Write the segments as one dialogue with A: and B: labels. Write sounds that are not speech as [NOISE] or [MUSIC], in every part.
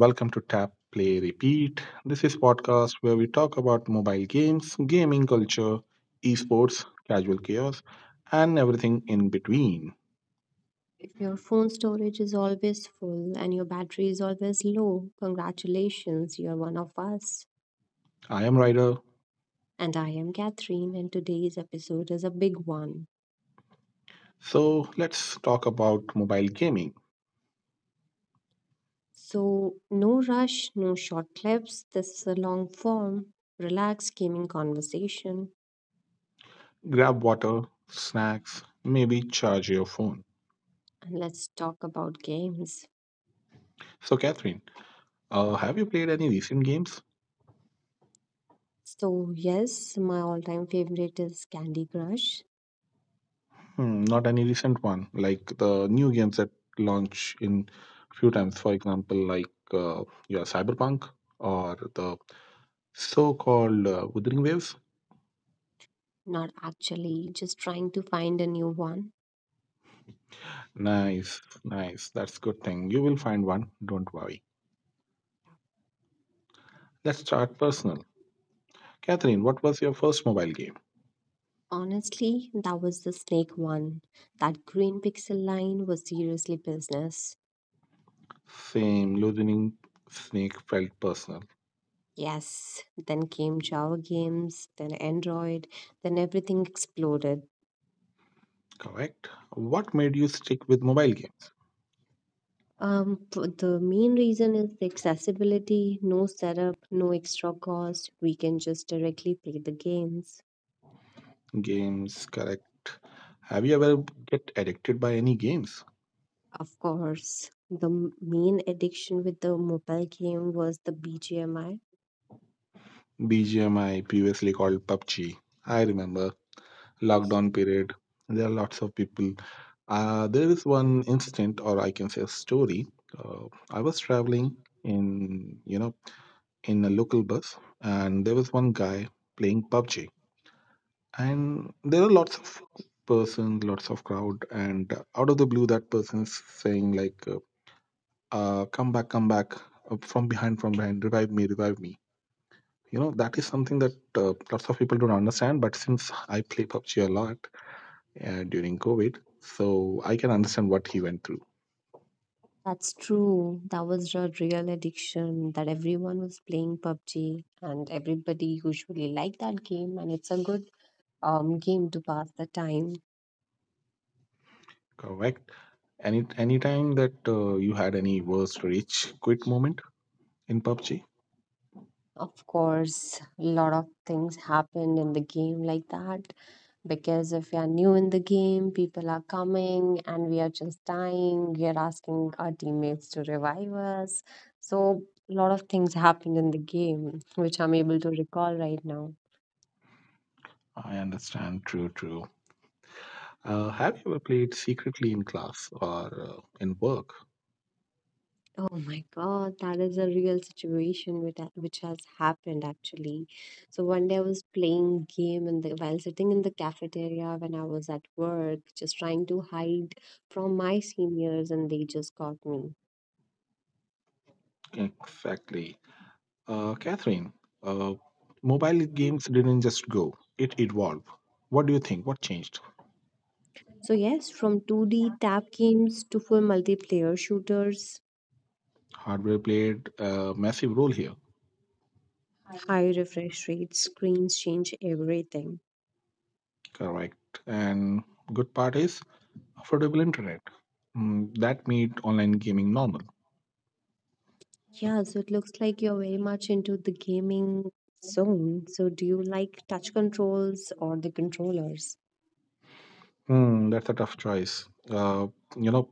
A: Welcome to Tap Play Repeat. This is podcast where we talk about mobile games, gaming culture, esports, casual chaos, and everything in between.
B: If your phone storage is always full and your battery is always low, congratulations, you're one of us.
A: I am Ryder.
B: And I am Catherine, and today's episode is a big one.
A: So let's talk about mobile gaming.
B: So no rush, no short clips. This is a long form, relaxed gaming conversation,
A: Grab water, snacks, maybe charge your phone.
B: and let's talk about games.
A: So, Catherine, have you played any recent games?
B: So yes, my all time favorite is Candy Crush.
A: Hmm, not any recent one, like the new games that launch in few times. For example, like yeah, Cyberpunk or the so-called Wuthering Waves.
B: Not actually, just trying to find a new one.
A: Nice, nice. That's good thing. You will find one. Don't worry. Let's start personal. Catherine, what was your first mobile game?
B: Honestly, that was the snake one. That green pixel line was seriously business.
A: Same, Losing Snake felt personal.
B: Yes, then came Java games, then Android, then everything exploded.
A: Correct. What made you stick with mobile games?
B: The main reason is the accessibility, no setup, no extra cost. We can just directly play the games.
A: Games, correct. Have you ever get addicted by any games?
B: Of course, the main addiction with the mobile game was the BGMI.
A: BGMI, previously called PUBG. I remember lockdown period. There are lots of people. There is one incident, or I can say a story. Uh, I was traveling in, you know, in a local bus, and there was one guy playing PUBG, and there are lots of persons, lots of crowd, and out of the blue, that person is saying like, "Come back, come back!" From behind, revive me, revive me, you know, that is something that lots of people don't understand, but since I play PUBG a lot during COVID, so I can understand what he went through.
B: That's true. That was a real addiction that everyone was playing PUBG and everybody usually liked that game and it's a good game to pass the time.
A: Correct. Any time that you had any worst rich quit moment in PUBG,
B: Of course, a lot of things happened in the game like that because if we are new in the game, people are coming and we are just dying. We are asking our teammates to revive us. So a lot of things happened in the game, which I'm able to recall right now.
A: I understand. True, true. Have you ever played secretly in class or uh, in work?
B: Oh my God, that is a real situation with that, which has happened actually. So one day I was playing game in the while sitting in the cafeteria when I was at work, just trying to hide from my seniors, and they just caught me.
A: Exactly. Catherine, uh, mobile games didn't just go, it evolved. What do you think? What changed?
B: So yes, from 2D tap games to full multiplayer shooters,
A: Hardware played a massive role here.
B: high refresh rates, screens change everything.
A: Correct. And good part is affordable internet. That made online gaming normal.
B: Yeah, so it looks like you're very much into the gaming zone. So do you like touch controls or the controllers?
A: Hmm, that's a tough choice. Uh, you know,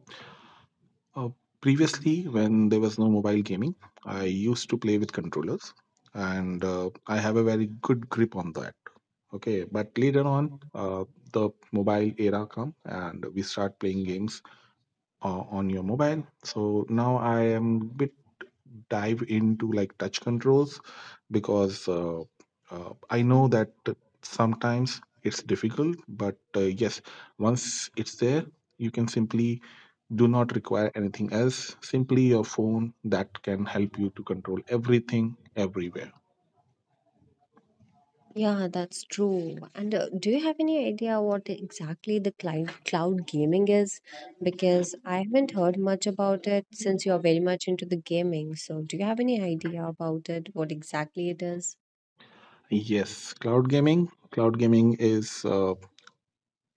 A: uh, previously when there was no mobile gaming, I used to play with controllers, and I have a very good grip on that. Okay, but later on, the mobile era come and we start playing games on your mobile. So now I am bit dive into like touch controls because I know that sometimes it's difficult, but yes, once it's there, you can simply do not require anything else, simply your phone that can help you to control everything everywhere.
B: Yeah, that's true. And do you have any idea what exactly the cloud gaming is? Because I haven't heard much about it. Since you're very much into the gaming, so do you have any idea about it? What exactly it is?
A: Yes, cloud gaming. Cloud gaming is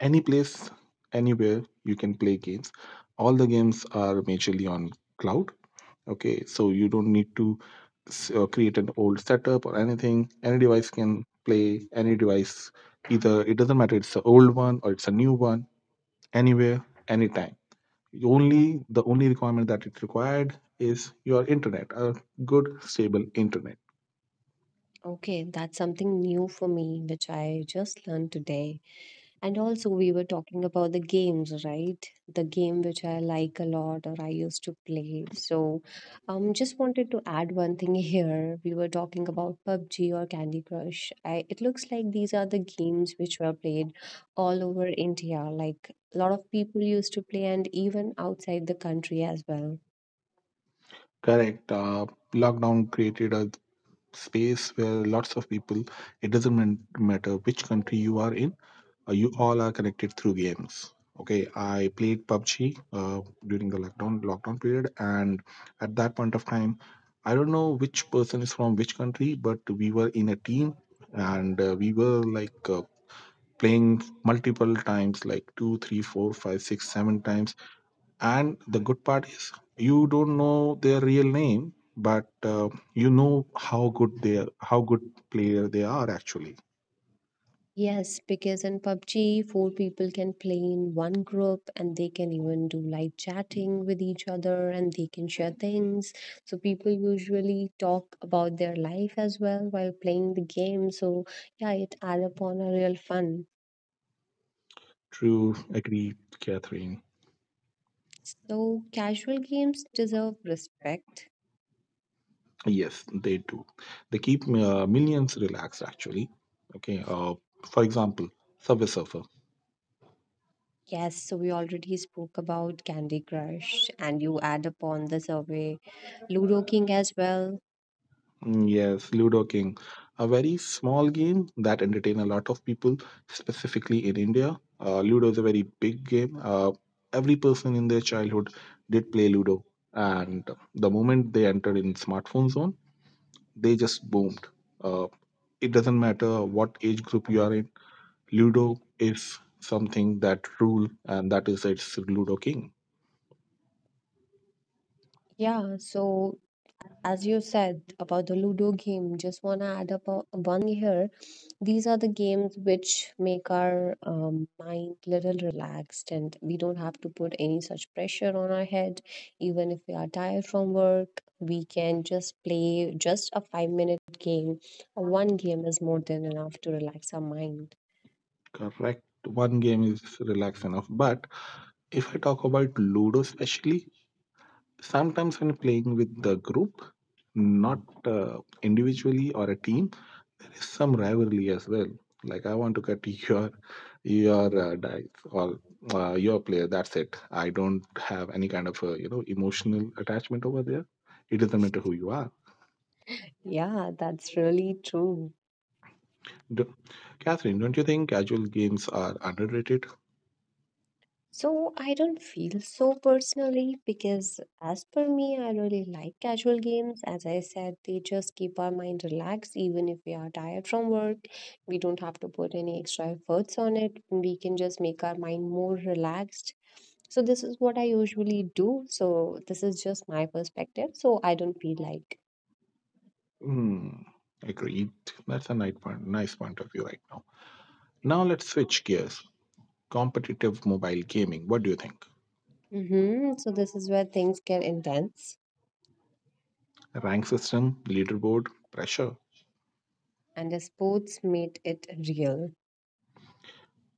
A: any place, anywhere you can play games. All the games are majorly on cloud. Okay, so you don't need to create an old setup or anything. Any device can play any device. Either it doesn't matter. It's an old one or it's a new one. Anywhere, anytime. Only the only requirement that it required is your internet, a good stable internet.
B: Okay, that's something new for me, which I just learned today. And also, we were talking about the games, right? The game which I like a lot or I used to play. So just wanted to add one thing [LAUGHS] here. We were talking about PUBG or Candy Crush. It looks like these are the games which were played all over India. Like a lot of people used to play, and even outside the country as well.
A: Correct. Lockdown created a space where lots of people. It doesn't matter which country you are in, you all are connected through games. Okay, I played PUBG uh, during the lockdown period, and at that point of time I don't know which person is from which country, but we were in a team, and we were like playing multiple times like two three four five six seven times, and the good part is you don't know their real name, but uh, you know how good they are, how good player they are, actually.
B: Yes, because in PUBG, four people can play in one group and they can even do live chatting with each other and they can share things. So people usually talk about their life as well while playing the game. So yeah, it adds upon a real fun.
A: True, agree. Catherine,
B: So casual games deserve respect.
A: yes, they do. They keep millions relaxed, actually. Okay. For example, Subway Surfer.
B: Yes, so we already spoke about Candy Crush and you add upon the survey Ludo King as well.
A: Yes, Ludo King. A very small game that entertain a lot of people, specifically in India. Ludo is a very big game. Every person in their childhood did play Ludo, and the moment they entered in smartphone zone, they just boomed. Uh, it doesn't matter what age group you are in. Ludo is something that rule, and that is its Ludo King.
B: Yeah, so as you said about the Ludo game, just want to add up one here. These are the games which make our mind little relaxed, and we don't have to put any such pressure on our head. Even if we are tired from work, we can just play just a five-minute game. One game is more than enough to relax our mind.
A: Correct. One game is relax enough. But if I talk about Ludo, especially, sometimes when playing with the group, not individually or a team, there is some rivalry as well. Like I want to get [LAUGHS] your dice or your player. That's it. I don't have any kind of, emotional attachment over there. It doesn't matter who you are.
B: Yeah, that's really true.
A: Do- Catherine, don't you think casual games are underrated?
B: So I don't feel so personally because, as per me, I really like casual games. As I said, they just keep our mind relaxed, even if we are tired from work. We don't have to put any extra efforts on it. We can just make our mind more relaxed. So this is what I usually do. So this is just my perspective. So I don't feel like,
A: Hmm. Agreed. That's a nice point. Nice point of view right now. Now let's switch gears. Competitive mobile gaming. What do you think?
B: so this is where things get intense,
A: Rank system, leaderboard, pressure.
B: and the sports made it real.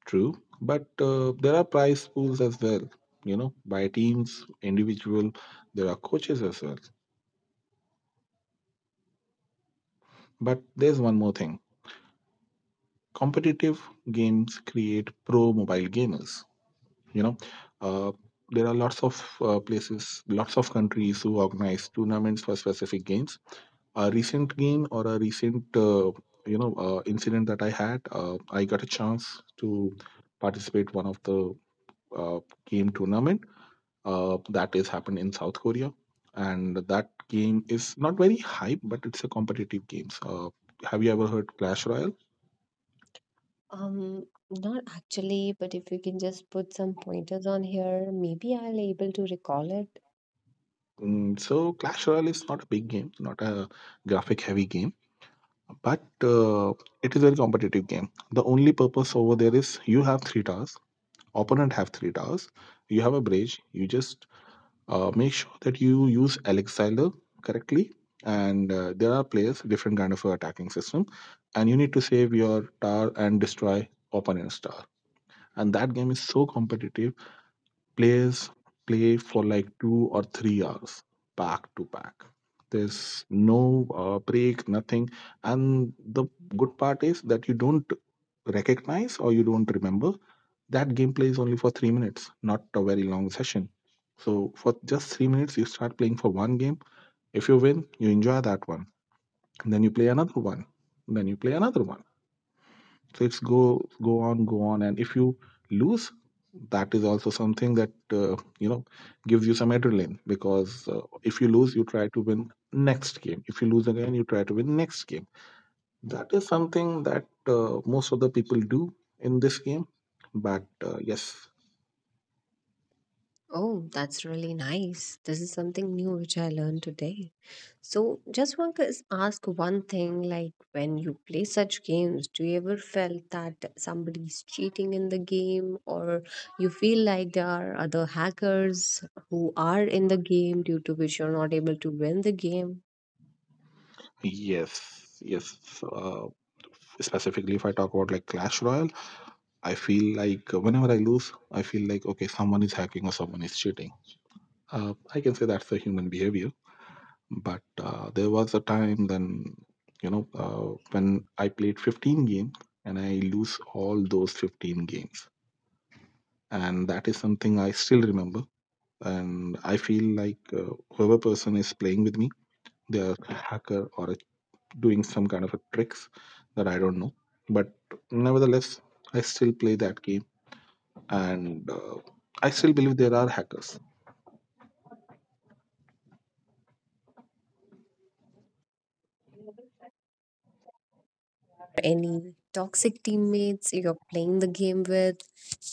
A: True, but there are prize pools as well. You know, by teams, individual. There are coaches as well. But there's one more thing. Competitive games create pro mobile gamers. You know, uh, there are lots of places, lots of countries who organize tournaments for specific games. A recent gain or a recent incident that I had, I got a chance to participate one of the uh, game tournament that is happened in South Korea, and that game is not very hype, but it's a competitive game. So, have you ever heard Clash Royale?
B: Um, Not actually, but if you can just put some pointers on here, maybe I'll able to recall it.
A: So Clash Royale is not a big game, not a graphic heavy game, but it is a very competitive game. The only purpose over there is you have three tasks, opponent have three towers, you have a bridge, you just make sure that you use elixir correctly, and there are players different kind of attacking system, and you need to save your tower and destroy opponent's tower, and that game is so competitive, players play for like 2 or 3 hours back to back, there's no break, nothing, and the good part is that you don't recognize or you don't remember that gameplay is only for 3 minutes, not a very long session. So for just 3 minutes you start playing for one game. If you win, you enjoy that one. And then you play another one. And then you play another one. So it's go go on go on. And if you lose, that is also something that gives you some adrenaline, because if you lose you try to win next game, if you lose again you try to win next game, that is something that most of the people do in this game, but yes,
B: Oh, that's really nice. This is something new which I learned today. So just want to ask one thing, like when you play such games, do you ever felt that somebody's cheating in the game, or you feel like there are other hackers who are in the game due to which you're not able to win the game?
A: yes, yes. Uh, specifically, if I talk about like Clash Royale, I feel like whenever I lose, I feel like okay, someone is hacking or someone is cheating. I can say that's a human behavior, but there was a time then you know when I played 15 games and I lose all those 15 games, and that is something I still remember. And I feel like whoever person is playing with me, they are a hacker or a doing some kind of a tricks that I don't know. But nevertheless, I still play that game, and I still believe there are hackers.
B: Any toxic teammates you're playing the game with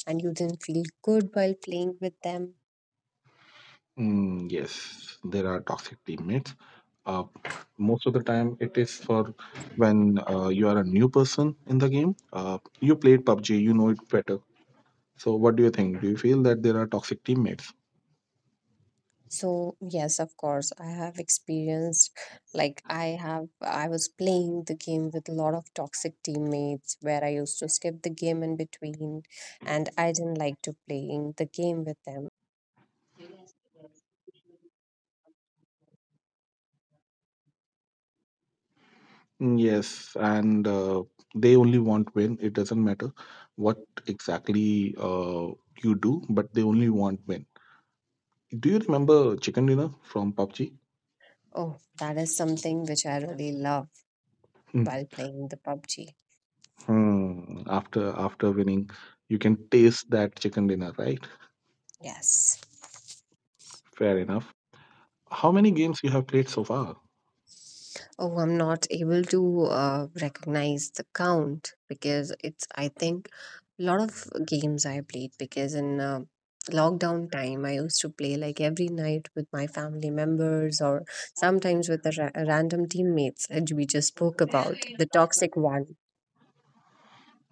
B: and you didn't feel good while playing with them?
A: Yes, there are toxic teammates. Uh, most of the time, it is for when you are a new person in the game. You played PUBG, you know it better. So, what do you think? Do you feel that there are toxic teammates?
B: So yes, of course, I have experienced, like, I was playing the game with a lot of toxic teammates where I used to skip the game in between and I didn't like to playing the game with them.
A: Yes, and they only want win. It doesn't matter what exactly you do, but they only want win. Do you remember chicken dinner from PUBG?
B: Oh, that is something which I really love
A: Mhm.
B: while playing the PUBG.
A: After winning, you can taste that chicken dinner, right?
B: Yes.
A: Fair enough. How many games you have played so far?
B: Oh, I'm not able to recognize the count because it's, I think, a lot of games I played because in lockdown time, I used to play like every night with my family members or sometimes with the random teammates that we just spoke about, the toxic one.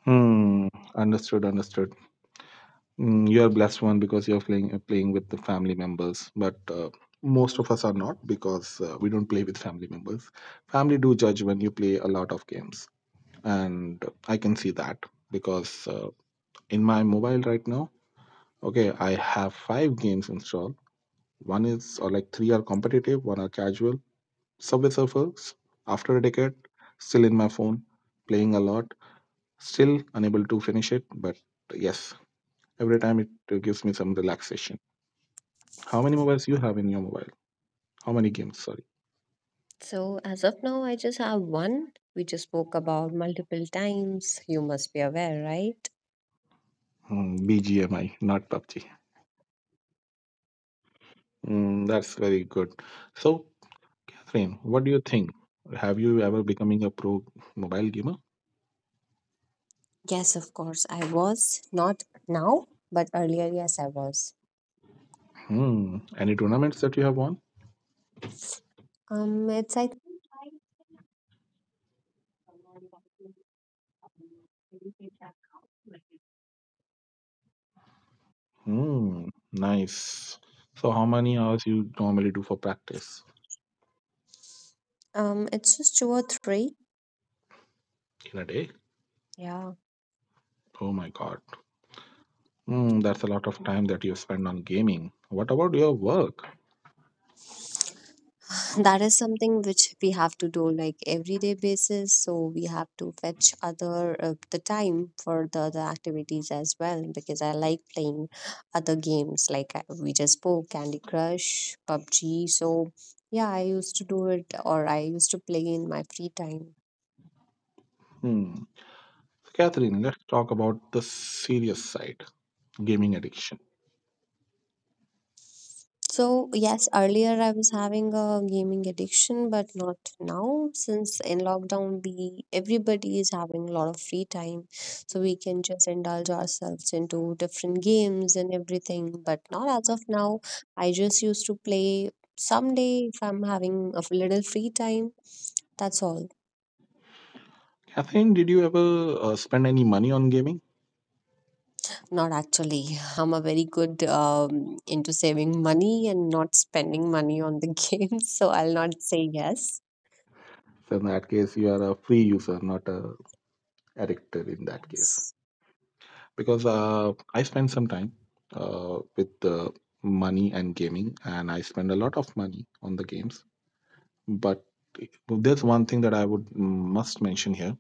A: Hmm. Understood. Understood. Mm, you are blessed one because you're playing playing with the family members, but most of us are not because we don't play with family members. Family do judge when you play a lot of games, and I can see that because in my mobile right now, okay, I have five games installed. One is or like three are competitive, one are casual. Subway Surfers, after a decade, still in my phone, playing a lot, still unable to finish it, but yes, every time it gives me some relaxation. How many mobiles you have in your mobile? How many games? Sorry,
B: So as of now, I just have one. We just spoke about multiple times. You must be aware, right?
A: mm, BGMI, not PUBG. Mm, that's very good. So, Catherine, what do you think? Have you ever becoming a pro mobile gamer?
B: Yes, of course. I was not now, but earlier, yes, I was.
A: Hmm. Any tournaments that you have won?
B: Um, it's I
A: Hmm. Nice. So, how many hours you normally do for practice
B: It's just two or three.
A: in a day?
B: Yeah.
A: Oh my God. Hmm. That's a lot of time that you spend on gaming. What about your work?
B: [LAUGHS] That is something which we have to do like everyday basis. So we have to fetch other the time for the other activities as well because I like playing other games like we just spoke Candy Crush, PUBG. So yeah, I used to do it or I used to play in my free time.
A: Hmm. So, Catherine, let's talk about the serious side, gaming addiction.
B: So yes, earlier I was having a gaming addiction, but not now. Since in lockdown the everybody is having a lot of free time. So we can just indulge ourselves into different games and everything, but not as of now. I just used to play someday if I'm having a little free time. That's all.
A: Catherine, did you ever spend any money on gaming?
B: Not actually. [LAUGHS] I'm a very good into saving money and not spending money on the [LAUGHS] games, so I'll not say yes.
A: So in that case, you are a free user, not a addicted in that case. Because I spent some time with money and gaming, and I spend a lot of money on the games. But eh, there's one thing that I would must mention here.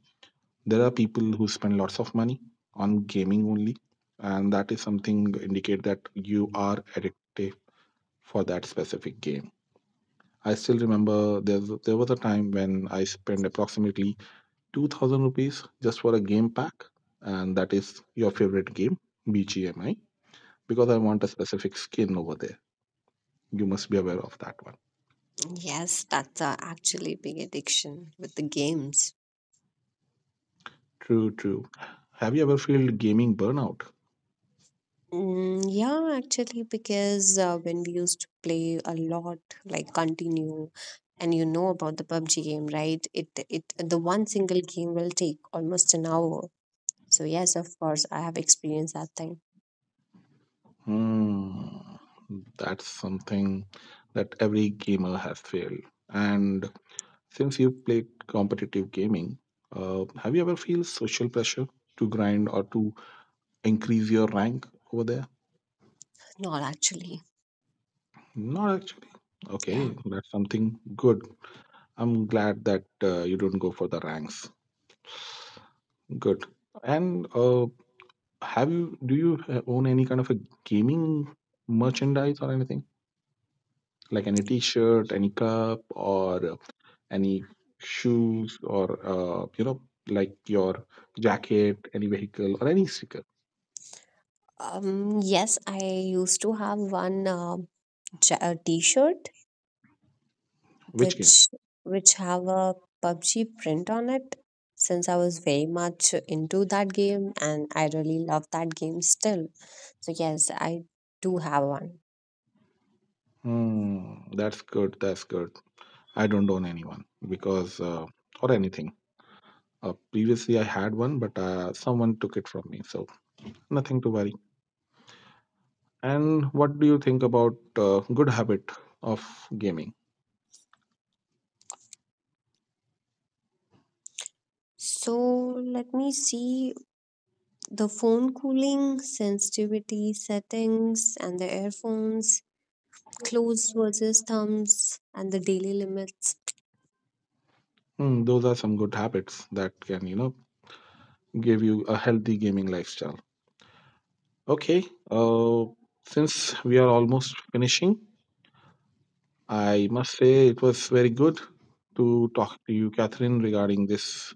A: There are people who spend lots of money on gaming only, and that is something indicate that you are addicted for that specific game. I still remember there was a time when I spent approximately 2,000 rupees just for a game pack, and that is your favorite game, BGMI, because I want a specific skin over there. You must be aware of that one.
B: Yes, that's a actually big addiction with the games.
A: True, true. Have you ever felt gaming burnout?
B: Yeah, actually, because when we used to play a lot, like continue, and you know about the PUBG game, right? It the one single game will take almost an hour. So yes, of course, I have experienced that thing.
A: Hmm, that's something that every gamer has failed. And since you played competitive gaming, have you ever feel social pressure to grind or to increase your rank over there?
B: Not actually,
A: Not actually.
B: yeah.
A: Okay, that's something good. I'm glad that you don't go for the ranks. Good. And have you? Do you own any kind of a gaming merchandise or anything? Like any T-shirt, any cup, or any shoes, or like your jacket, any vehicle, or any sticker.
B: Yes, I used to have one T-shirt
A: Which game?
B: which which have a PUBG print on it since I was very much into that game and I really love that game still. So yes, I do have one.
A: Hmm, that's good. That's good. I don't own anyone because or anything. Previously, I had one, but someone took it from me, so nothing to worry. And what do you think about good habit of gaming?
B: So let me see the phone cooling, sensitivity settings, and the earphones, clothes versus thumbs, and the daily limits.
A: Hmm, those are some good habits that can, you know, give you a healthy gaming lifestyle. Okay, uh, since we are almost finishing, I must say it was very good to talk to you, Catherine, regarding this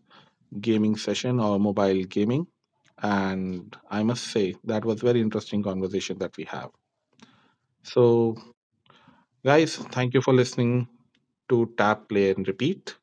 A: gaming session or mobile gaming. And I must say that was very interesting conversation that we have. So guys, thank you for listening to Tap, Play, and Repeat.